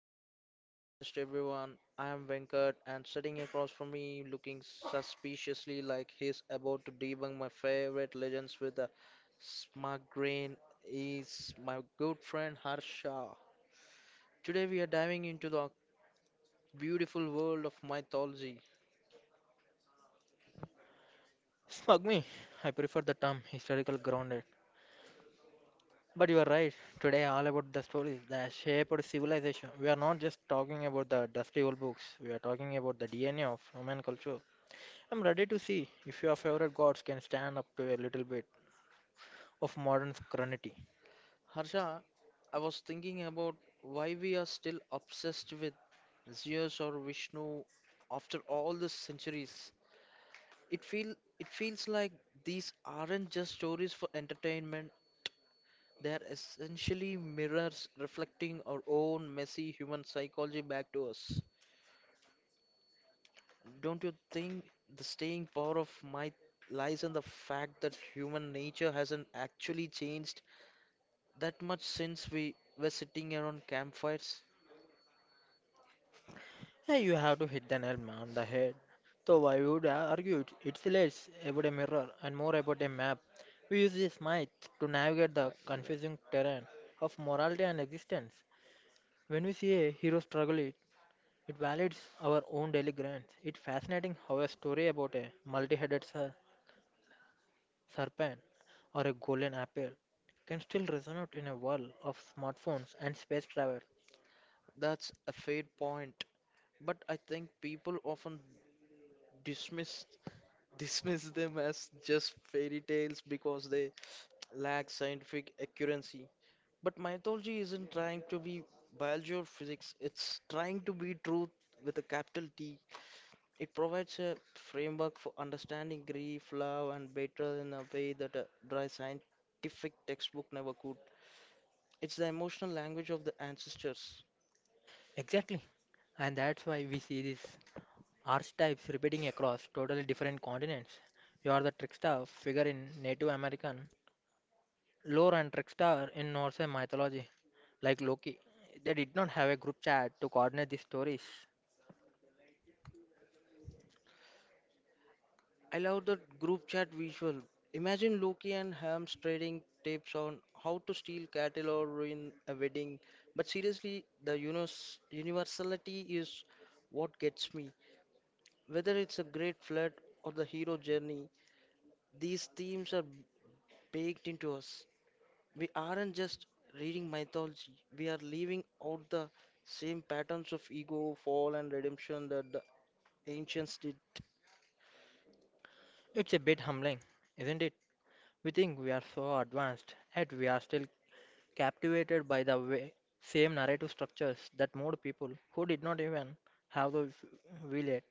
Echoes podcast, everyone. I am Venkat, and sitting across from me, looking suspiciously like he's about to debunk my favorite legends with a smug grin, is my good friend Harsha. Today, we are diving into the beautiful world of mythology. Smugmi, I prefer the term historical grounded. But you are right, today all about the stories that shaped civilization. We are not just talking about the dusty old books, we are talking about the DNA of human culture. I'm ready to see if your favorite gods can stand up to a little bit of modern scrutiny. Harsha, I was thinking about why we are still obsessed with Zeus or Vishnu after all the centuries. It feels like these aren't just stories for entertainment. They're essentially mirrors reflecting our own messy human psychology back to us. Don't you think the staying power of might lies in the fact that human nature hasn't actually changed that much since we were sitting around campfires? Yeah, you have to hit the nail on the head. So I would argue it's less about a mirror and more about a map. We use this myth to navigate the confusing terrain of morality and existence. When we see a hero struggle, it validates our own daily grinds. It's fascinating how a story about a multi headed serpent or a golden apple can still resonate in a world of smartphones and space travel. That's a fair point, but I think people often dismiss dismiss them as just fairy tales because they lack scientific accuracy. But mythology isn't trying to be biology or physics, it's trying to be truth with a capital T. It provides a framework for understanding grief, love, and betrayal in a way that a dry scientific textbook never could. It's the emotional language of the ancestors. Exactly. And that's why we see these archetypes repeating across totally different continents. You are the trickster figure in Native American lore and trickster in Norse mythology, like Loki. They did not have a group chat to coordinate these stories. I love the group chat visual. Imagine Loki and Hams trading tips on how to steal cattle or ruin a wedding. But seriously, the universality is what gets me. Whether it's a great flood or the hero journey, these themes are baked into us. We aren't just reading mythology, we are leaving out the same patterns of ego, fall, and redemption that the ancients did. It's a bit humbling, isn't it? We think we are so advanced, yet we are still captivated by the way, same narrative structures that moved people who did not even have the will yet.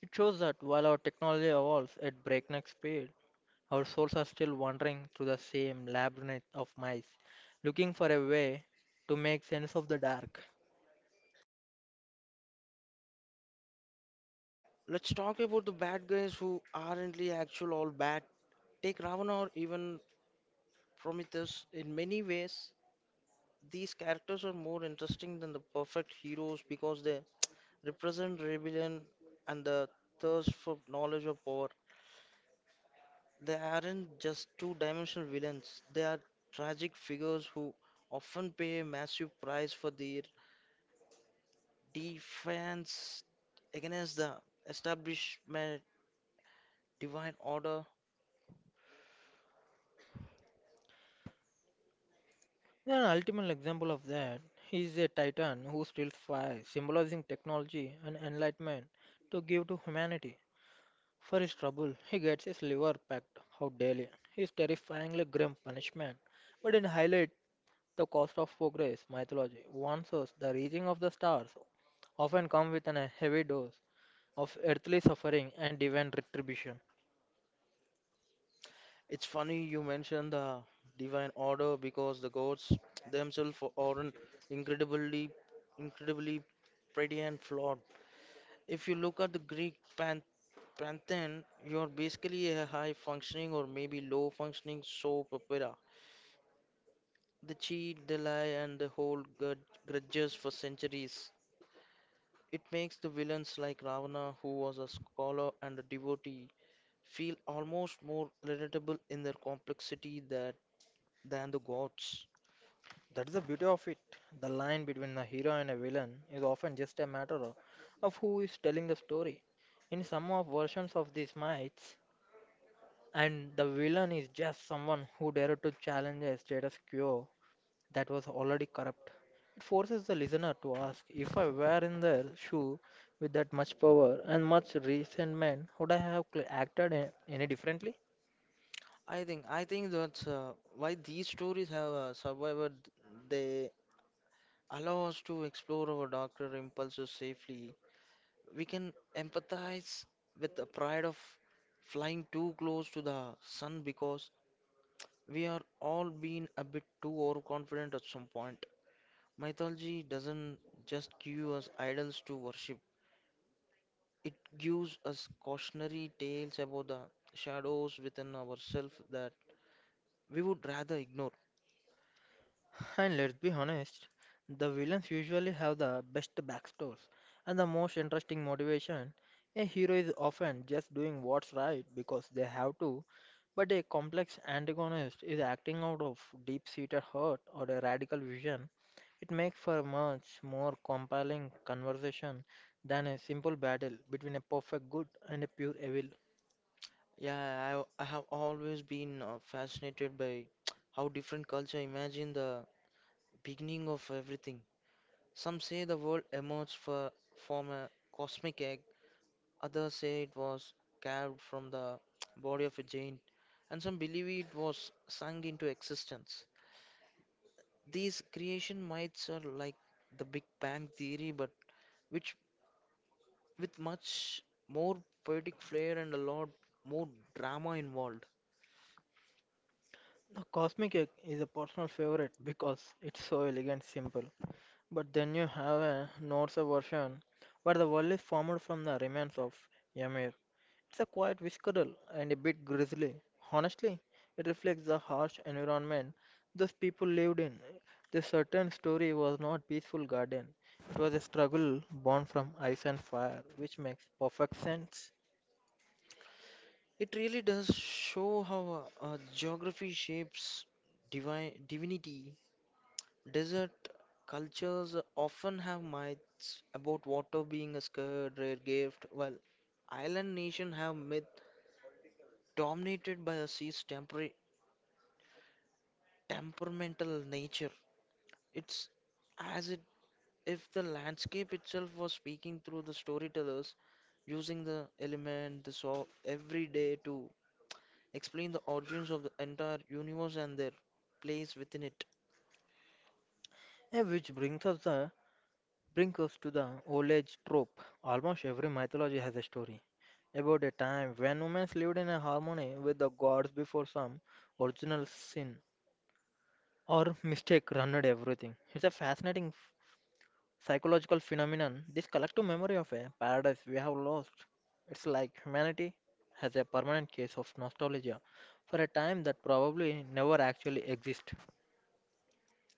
It shows that while our technology evolves at breakneck speed, our souls are still wandering through the same labyrinth of mice, looking for a way to make sense of the dark. Let's talk about the bad guys who aren't the actual all bad. Take Ravana or even Prometheus. In many ways, these characters are more interesting than the perfect heroes because they represent rebellion and the thirst for knowledge or power. They aren't just two dimensional villains, they are tragic figures who often pay a massive price for their defiance against the establishment divine order. An ultimate example of that is a titan who still flies, symbolizing technology and enlightenment to give to humanity. For his trouble, he gets his liver packed out daily. His terrifyingly grim punishment, but in highlight, the cost of progress. Mythology warns us the reaching of the stars often come with a heavy dose of earthly suffering and divine retribution. It's funny you mentioned the divine order because the gods themselves are an incredibly, incredibly pretty and flawed. If you look at the Greek pantheon, you're basically a high functioning or maybe low functioning soap opera. They cheat, they lie, and they hold grudges for centuries. It makes the villains like Ravana, who was a scholar and a devotee, feel almost more relatable in their complexity that, than the gods. That's the beauty of it. The line between a hero and a villain is often just a matter of who is telling the story. In some of versions of these myths, and the villain is just someone who dared to challenge a status quo that was already corrupt. It forces the listener to ask if I were in their shoe with that much power and much resentment, would I have acted any differently? I think that's why these stories have survived. They allow us to explore our darker impulses safely. We can empathize with the pride of flying too close to the sun because we are all being a bit too overconfident at some point. Mythology doesn't just give us idols to worship. It gives us cautionary tales about the shadows within ourselves that we would rather ignore. And let's be honest, the villains usually have the best backstories and the most interesting motivation. A hero is often just doing what's right because they have to, but a complex antagonist is acting out of deep seated hurt or a radical vision. It makes for a much more compelling conversation than a simple battle between a perfect good and a pure evil. Yeah, I have always been fascinated by how different culture imagine the beginning of everything. Some say the world from a cosmic egg, others say it was carved from the body of a giant, and some believe it was sung into existence. These creation myths are like the Big Bang theory, but which with much more poetic flair and a lot more drama involved. The Cosmic Egg is a personal favorite because it's so elegant simple. But then you have a Norse version where the world is formed from the remains of Ymir. It's a quite visceral and a bit grisly. Honestly, it reflects the harsh environment those people lived in. This certain story was not peaceful garden. It was a struggle born from ice and fire, which makes perfect sense. It really does show how geography shapes divine divinity. Desert cultures often have myths about water being a scarce, rare gift, while island nations have myth dominated by a sea's temperamental nature. It's as it, if the landscape itself was speaking through the storytellers, using the element, the so every day to explain the origins of the entire universe and their place within it. And which brings us to the old age trope. Almost every mythology has a story about a time when women lived in a harmony with the gods before some original sin or mistake ruined everything. It's a fascinating psychological phenomenon, this collective memory of a paradise we have lost. It's like humanity has a permanent case of nostalgia for a time that probably never actually existed.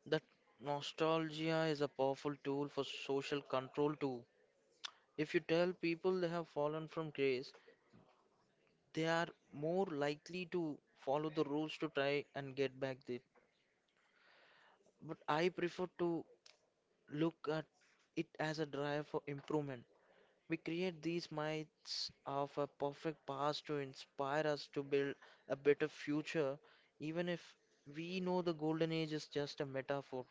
That nostalgia is a powerful tool for social control too. If you tell people they have fallen from grace, they are more likely to follow the rules to try and get back there. But I prefer to look at it as a drive for improvement. We create these myths of a perfect past to inspire us to build a better future, even if we know the golden age is just a metaphor.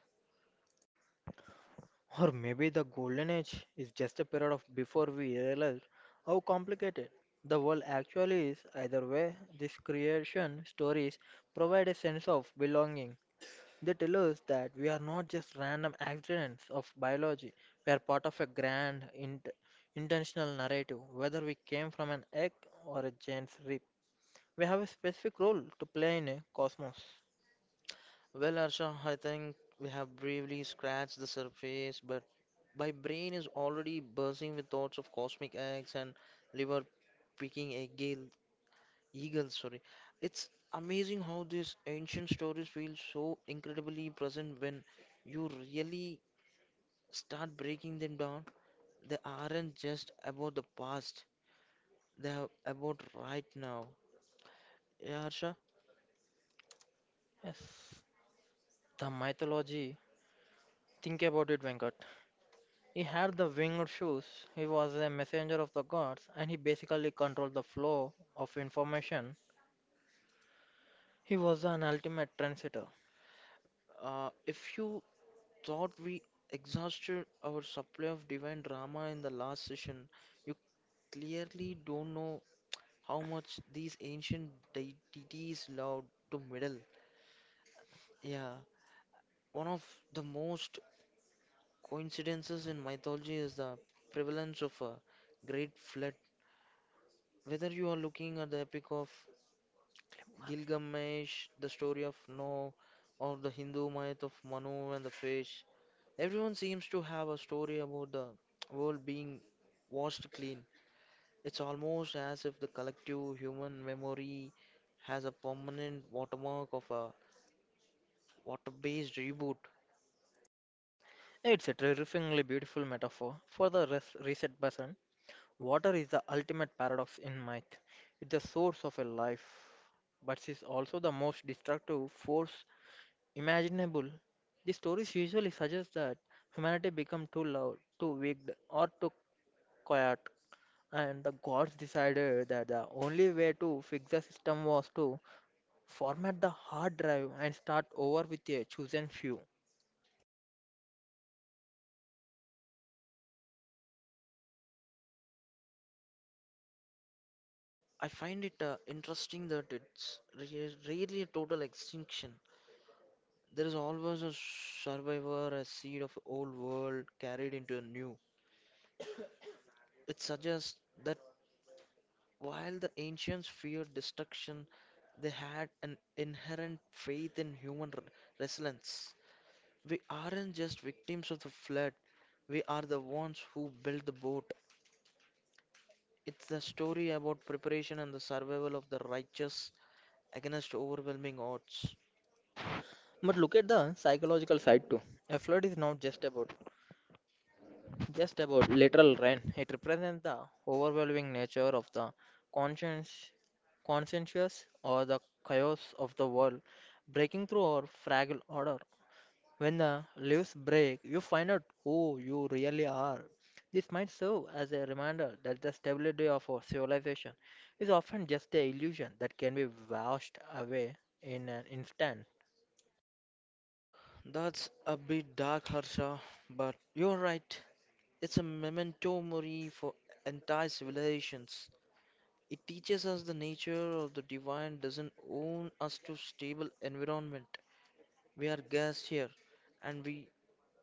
Or maybe the golden age is just a period of before we realize how complicated the world actually is. Either way, these creation stories provide a sense of belonging. They tell us that we are not just random accidents of biology, we are part of a grand intentional narrative, whether we came from an egg or a giant's rib. We have a specific role to play in a cosmos. Well, Arsha, I think we have bravely scratched the surface, but my brain is already buzzing with thoughts of cosmic eggs and liver picking eagle, eagles. Sorry, it's amazing how these ancient stories feel so incredibly present when you really start breaking them down. They aren't just about the past, they are about right now. Yeah, Harsha, Yes, the mythology. Think about it, Venkat. He had the winged shoes, he was a messenger of the gods, and he basically controlled the flow of information. He was an ultimate trendsetter. If you thought we exhausted our supply of divine drama in the last session, you clearly don't know how much these ancient deities loved to meddle. Yeah, one of the most coincidences in mythology is the prevalence of a great flood. Whether you are looking at the epic of Gilgamesh, the story of Noah, or the Hindu myth of Manu and the fish. Everyone seems to have a story about the world being washed clean. It's almost as if the collective human memory has a permanent watermark of a water-based reboot. It's a terrifyingly beautiful metaphor for the reset button. Water is the ultimate paradox in myth. It's the source of a life, but is also the most destructive force imaginable. The stories usually suggest that humanity became too loud, too weak, or too quiet. And the gods decided that the only way to fix the system was to format the hard drive and start over with a chosen few. I find it interesting that rarely a total extinction. There is always a survivor, a seed of old world carried into a new. It suggests that while the ancients feared destruction, they had an inherent faith in resilience. We aren't just victims of the flood, we are the ones who built the boat. It's a story about preparation and the survival of the righteous against overwhelming odds. But look at the psychological side too. A flood is not just about literal rain. It represents the overwhelming nature of the conscience, conscientious or the chaos of the world, breaking through our fragile order. When the leaves break, you find out who you really are. This might serve as a reminder that the stability of our civilization is often just a illusion that can be washed away in an instant. That's a bit dark, Harsha, but you're right. It's a memento mori for entire civilizations. It teaches us the nature of the divine doesn't own us to stable environment. We are guests here, and we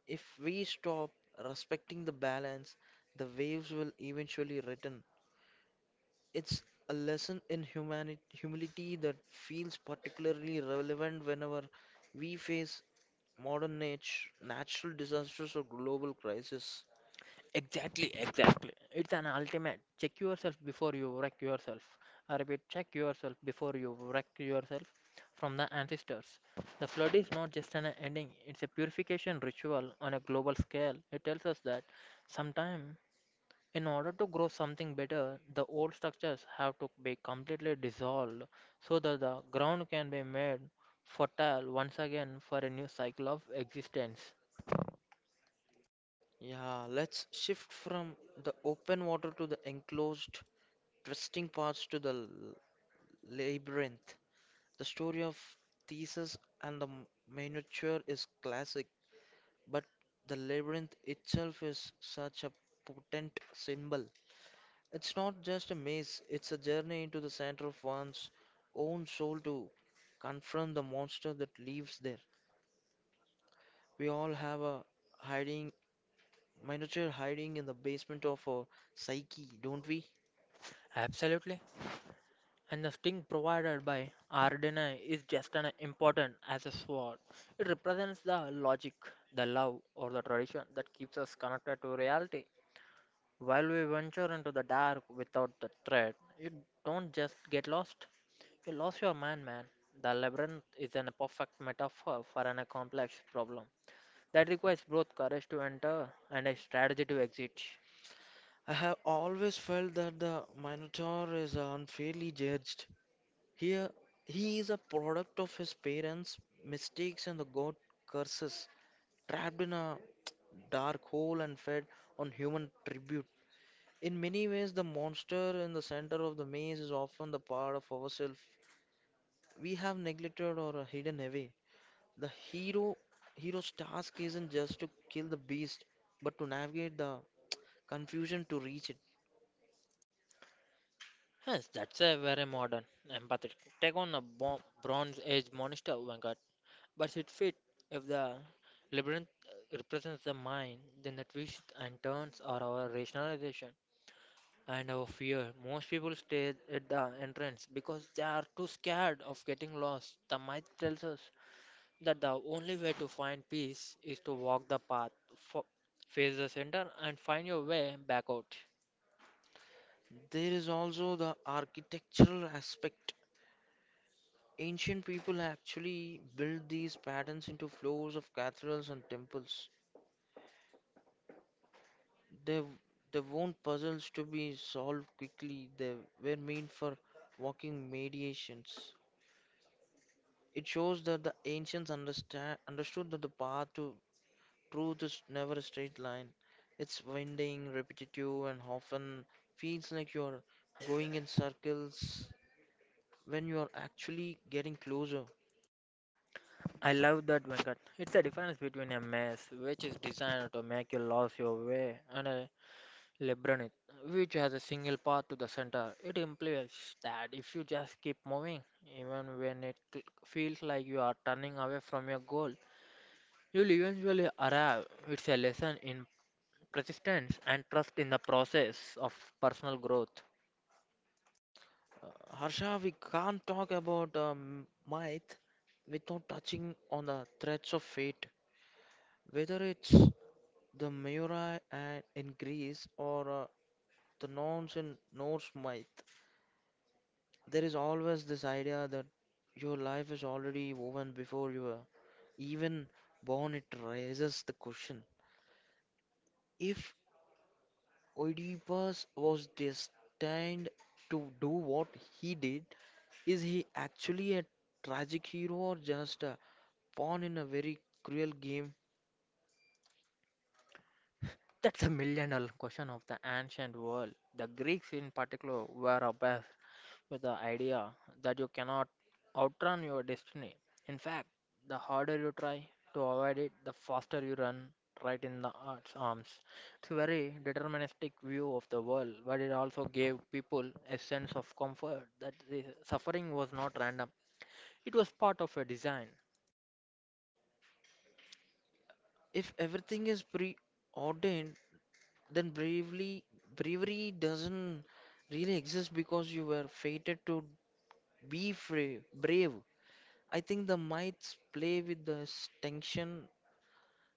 if we stop respecting the balance, the waves will eventually return. It's a lesson in humility that feels particularly relevant whenever we face modern natural disasters or global crisis. Exactly, exactly. It's an ultimate. Check yourself before you wreck yourself. I repeat, check yourself before you wreck yourself from the ancestors. The flood is not just an ending, it's a purification ritual on a global scale. It tells us that sometime in order to grow something better, the old structures have to be completely dissolved so that the ground can be made fertile once again for a new cycle of existence. Yeah, let's shift from the open water to the enclosed, twisting paths to the Labyrinth. The story of Theseus and the Minotaur is classic, but the labyrinth itself is such a potent symbol. It's not just a maze, it's a journey into the center of one's own soul to confront the monster that lives there. We all have a hiding Minotaur hiding in the basement of our psyche, don't we? Absolutely. And the sting provided by Ardena is just as important as a sword. It represents the logic, the love, or the tradition that keeps us connected to reality. While we venture into the dark without the thread, you don't just get lost, you lose your mind, man. The labyrinth is an perfect metaphor for an, complex problem that requires both courage to enter and a strategy to exit. I have always felt that the Minotaur is unfairly judged. Here, he is a product of his parents' mistakes and the god curses, trapped in a dark hole and fed on human tribute. In many ways, the monster in the center of the maze is often the part of ourselves we have neglected or hidden away. The hero's task isn't just to kill the beast, but to navigate the confusion to reach it. Yes, that's a very modern, empathetic take on a Bronze Age monster, Venkat. But it fit if the labyrinth represents the mind, then the twists and turns are our rationalization and our fear. Most people stay at the entrance because they are too scared of getting lost. The myth tells us that the only way to find peace is to walk the path, fo- face the center, and find your way back out. There is also the architectural aspect. Ancient people actually built these patterns into floors of cathedrals and temples. They, they weren't puzzles to be solved quickly, they were meant for walking mediations. It shows that the ancients understood that the path to truth is never a straight line. It's winding, repetitive, and often feels like you're going in circles when you're actually getting closer. I love that, Venkat. It's the difference between a maze, which is designed to make you lose your way, and a labyrinth, which has a single path to the center. It implies that if you just keep moving, even when it feels like you are turning away from your goal, you'll eventually arrive. It's a lesson in persistence and trust in the process of personal growth. Uh, Harsha, we can't talk about myth without touching on the threats of fate. Whether it's the Miurai and in Greece or the Norns in Norse myth, there is always this idea that your life is already woven before you are even born. It raises the question: if Oedipus was destined to do what he did, is he actually a tragic hero or just a pawn in a very cruel game? That's a million dollar question of the ancient world. The Greeks, in particular, were obsessed with the idea that you cannot outrun your destiny. In fact, the harder you try to avoid it, the faster you run right in the art's arms. It's a very deterministic view of the world, but it also gave people a sense of comfort that the suffering was not random. It was part of a design. If everything is preordained, then bravely bravery doesn't really exist because you were fated to brave. I think the mites play with this tension.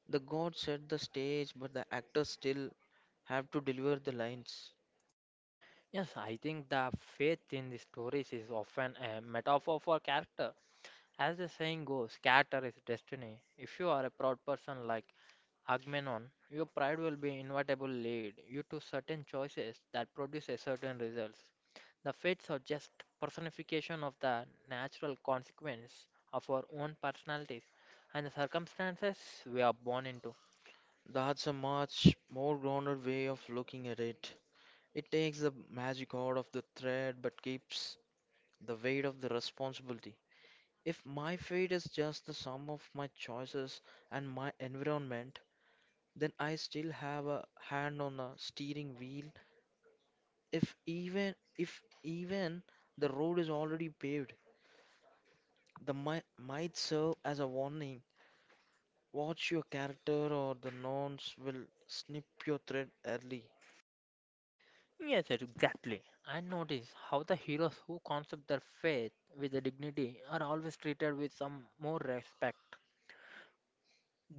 The gods set the stage, but the actors still have to deliver the lines. Yes, I think the faith in the stories is often a metaphor for character. As the saying goes, character is destiny. If you are a proud person like Agamenon, your pride will be inevitable lead you to certain choices that produce a certain results. The fates are just personification of the natural consequence of our own personalities and the circumstances we are born into. That's a much more grounded way of looking at it. It takes the magic out of the thread but keeps the weight of the responsibility. If my fate is just the sum of my choices and my environment, then I still have a hand on the steering wheel. If even the road is already paved, the might serve as a warning. Watch your character or the nouns will snip your thread early. Yes, exactly. I notice how the heroes who concept their faith with a dignity are always treated with some more respect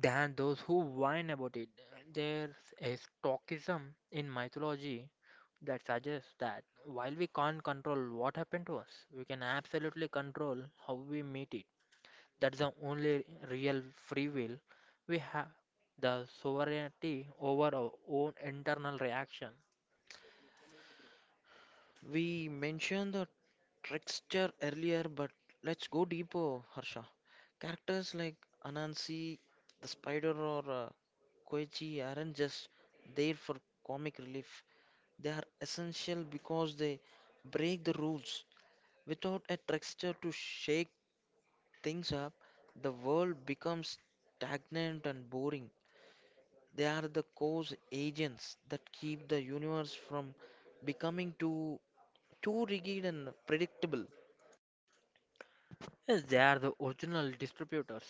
than those who whine about it. There's a stoicism in mythology that suggests that while we can't control what happened to us, we can absolutely control how we meet it. That's the only real free will we have the sovereignty over our own internal reaction. We mentioned the trickster earlier, but let's go deeper, Harsha. Characters like Anansi, the spider, or Koichi aren't just there for comic relief. They are essential because they break the rules. Without a trickster to shake things up, the world becomes stagnant and boring. They are the cause agents that keep the universe from becoming too rigid and predictable. Yes, they are the original distributors.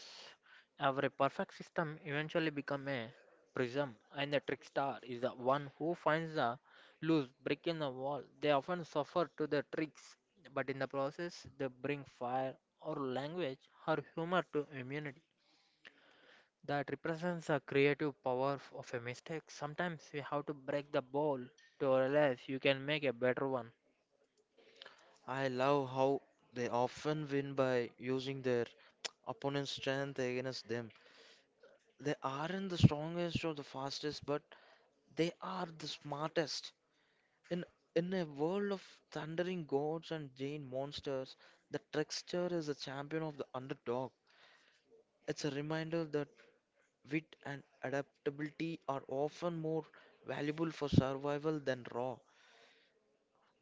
Every perfect system eventually become a prism, and the trickster is the one who finds the loose brick in the wall. They often suffer to the tricks, but in the process, they bring fire or language or humor to immunity. That represents the creative power of a mistake. Sometimes you have to break the bowl to realize you can make a better one. I love how they often win by using their opponent's strength against them. They aren't the strongest or the fastest, but they are the smartest. In in a world of thundering gods and giant monsters, the trickster is the champion of the underdog. It's a reminder that wit and adaptability are often more valuable for survival than raw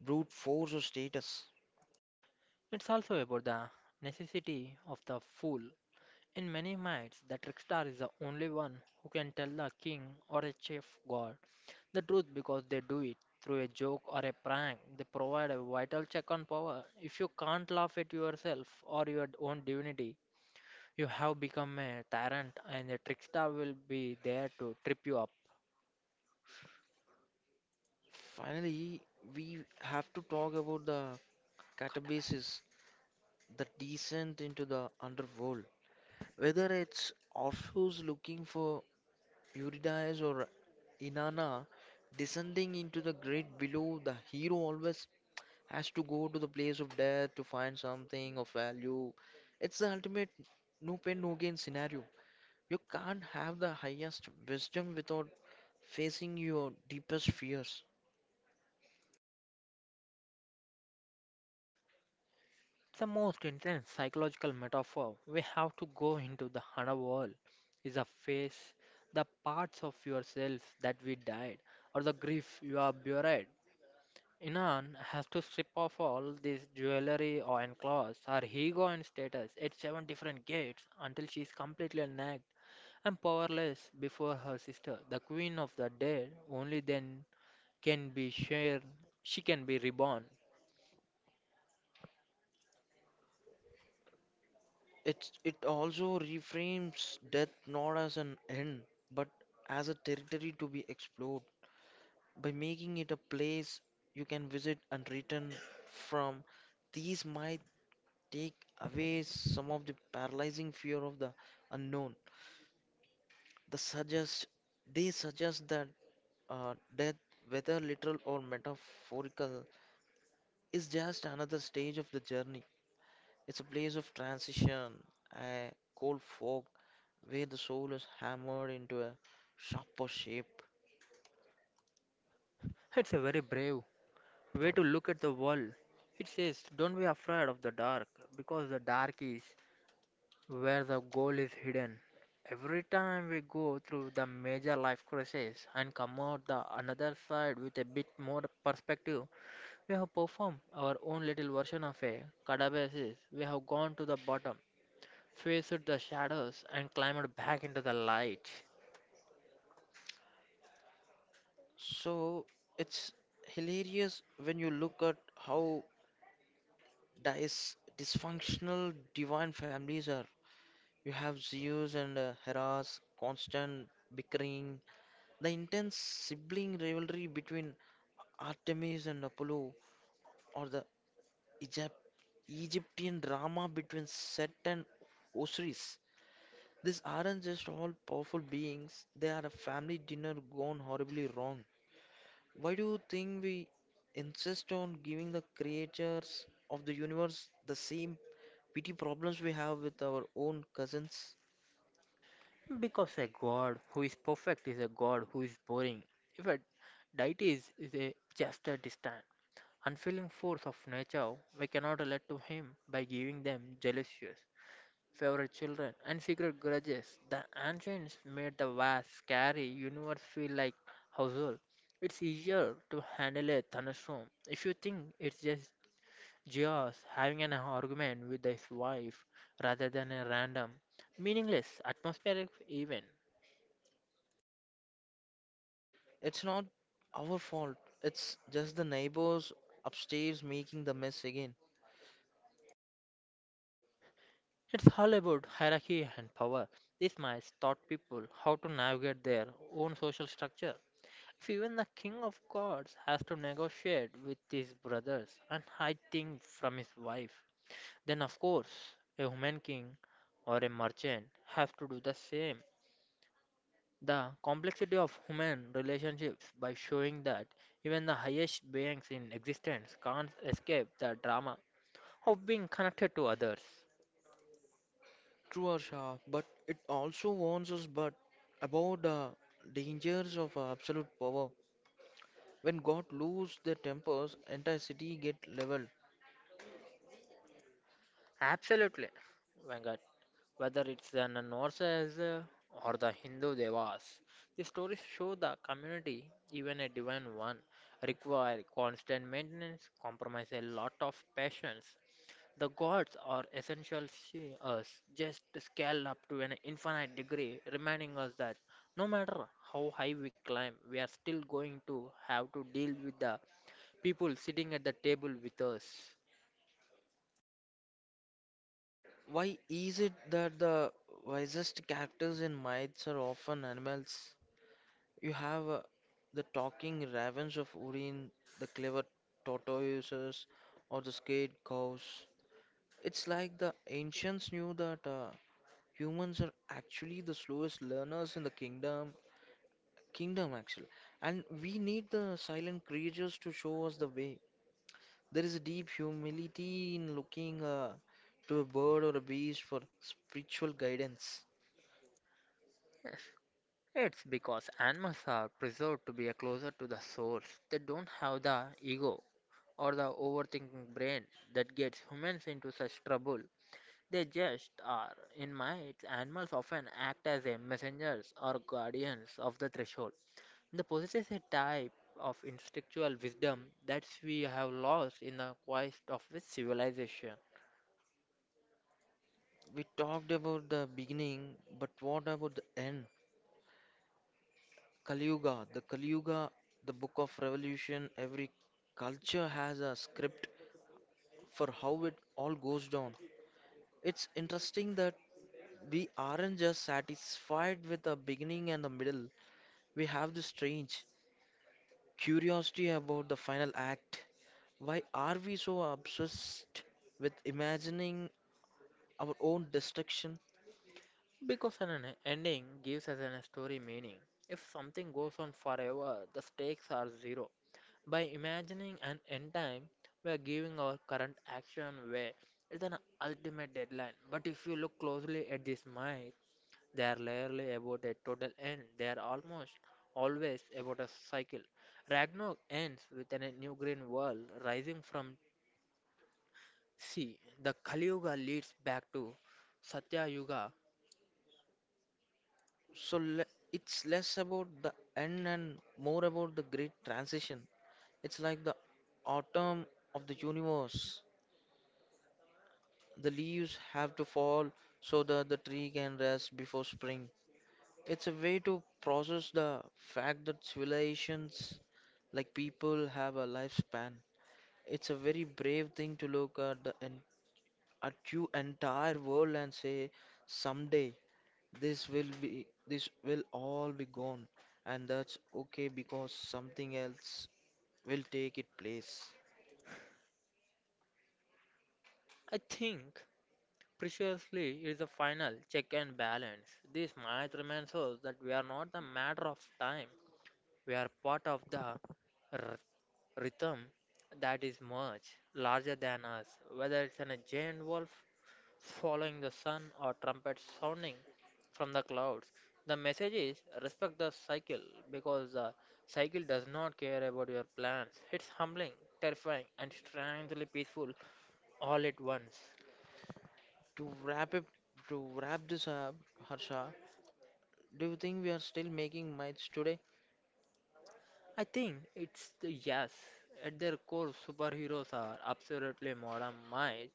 brute force or status. It's also about the necessity of the fool. In many myths, the trickster is the only one who can tell the king or a chief god the truth because they do it through a joke or a prank. They provide a vital check on power. If you can't laugh at yourself or your own divinity, you have become a tyrant, and the trickster will be there to trip you up. Finally, we have to talk about the catabases, the descent into the underworld. Whether it's Orpheus looking for Eurydice or Inanna descending into the great below, the hero always has to go to the place of death to find something of value. It's the ultimate no pain, no gain scenario. You can't have the highest wisdom without facing your deepest fears. The most intense psychological metaphor we have to go into the Hana world is a face, the parts of yourself that we died, or the grief you are buried. Inan has to strip off all this jewelry or and clothes, her ego and status at seven different gates until she is completely naked and powerless before her sister, the queen of the dead. Only then can be shared. She can be reborn. It also reframes death not as an end, but as a territory to be explored. By making it a place you can visit and return from, these might take away some of the paralyzing fear of the unknown. The suggest, they suggest that death, whether literal or metaphorical, is just another stage of the journey. It's a place of transition, a cold fog where the soul is hammered into a sharper shape. It's a very brave way to look at the world. It says, don't be afraid of the dark, because the dark is where the goal is hidden. Every time we go through the major life crisis and come out the another side with a bit more perspective, we have performed our own little version of a cadabasis. We have gone to the bottom, faced the shadows, and climbed back into the light. So it's hilarious when you look at how dysfunctional divine families are. You have Zeus and Hera's constant bickering, the intense sibling rivalry between Artemis and Apollo, or the Egypt- Egyptian drama between Set and Osiris. These aren't just all powerful beings, they are a family dinner gone horribly wrong. Why do you think we insist on giving the creatures of the universe the same petty problems we have with our own cousins? Because a god who is perfect is a god who is boring. If a deity is a just a distant, unfeeling force of nature, we cannot relate to him by giving them jealousies, favorite children, and secret grudges. The ancients made the vast, scary universe feel like household. It's easier to handle a thunderstorm if you think it's just Geoz having an argument with his wife rather than a random, meaningless atmospheric event. It's not our fault, it's just the neighbors upstairs making the mess again. It's all about hierarchy and power. These mice taught people how to navigate their own social structure. If even the king of gods has to negotiate with his brothers and hide things from his wife, then of course a human king or a merchant has to do the same. The complexity of human relationships by showing that even the highest beings in existence can't escape the drama of being connected to others. True, Arsha, but it also warns us but about the dangers of absolute power. When God loses their tempers, entire city get leveled. Absolutely, Venkat. Whether it's the Norses or the Hindu Devas, the stories show the community, even a divine one, require constant maintenance, compromise a lot of patience. The gods are essential to us, just scaled up to an infinite degree, reminding us that no matter how high we climb, we are still going to have to deal with the people sitting at the table with us. Why is it that the wisest characters in myths are often animals? You have the talking ravens of Urin, the clever tortoises, or the scared cows. It's like the ancients knew that humans are actually the slowest learners in the kingdom actually, and we need the silent creatures to show us the way. There is a deep humility in looking to a bird or a beast for spiritual guidance. Yes. It's because animals are preserved to be a closer to the source. They don't have the ego or the overthinking brain that gets humans into such trouble. They just are. In mites, animals often act as a messengers or guardians of the threshold. They possess a type of instinctual wisdom that we have lost in the quest of the civilization. We talked about the beginning, but what about the end? Kali Kali the book of revolution. Every culture has a script for how it all goes down. It's interesting that we aren't just satisfied with the beginning and the middle. We have this strange curiosity about the final act. Why are we so obsessed with imagining our own destruction? Because an ending gives us a story meaning. If something goes on forever, the stakes are zero. By imagining an end time, we are giving our current action way. It's an ultimate deadline. But if you look closely at these myths, they are rarely about a total end. They are almost always about a cycle. Ragnarok ends with a new green world rising from sea. The Kali Yuga leads back to Satya Yuga. So le It's less about the end and more about the great transition. It's like the autumn of the universe. The leaves have to fall so that the tree can rest before spring. It's a way to process the fact that civilizations like people have a lifespan. It's a very brave thing to look at the en at you entire world and say someday. This will all be gone and that's okay because something else will take its place. I think Preciously it is the final check and balance. This match reminds us that we are not the matter of time. We are part of the r- rhythm that is much larger than us. Whether it's an a giant wolf following the sun or trumpets sounding from the clouds, the message is respect the cycle because the cycle does not care about your plans. It's humbling, terrifying, and strangely peaceful all at once. To wrap it to wrap this up, Harsha, do you think we are still making myths today? I think it's the yes. At their core, superheroes are absolutely modern minds.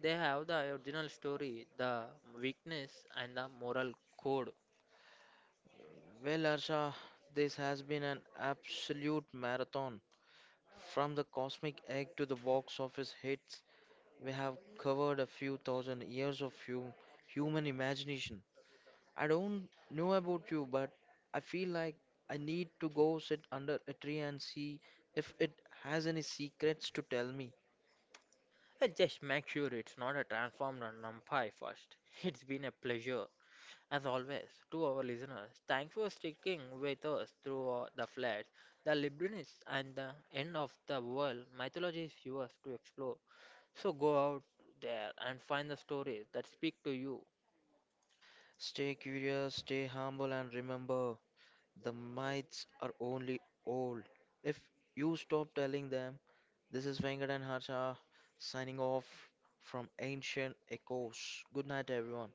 They have the original story, the weakness, and the moral code. Well, Harsha, this has been an absolute marathon. From the cosmic egg to the box office hits, we have covered a few thousand years of human imagination. I don't know about you, but I feel like I need to go sit under a tree and see if it has any secrets to tell me. I just make sure it's not a transformed numpy first. It's been a pleasure, as always, to our listeners. Thanks for sticking with us through the floods, the Librinis, and the end of the world mythology is yours to explore. So go out there and find the stories that speak to you. Stay curious, stay humble, and remember the myths are only old. If you stop telling them, this is Venkat and Harsha signing off from Ancient Echoes. Good night, everyone.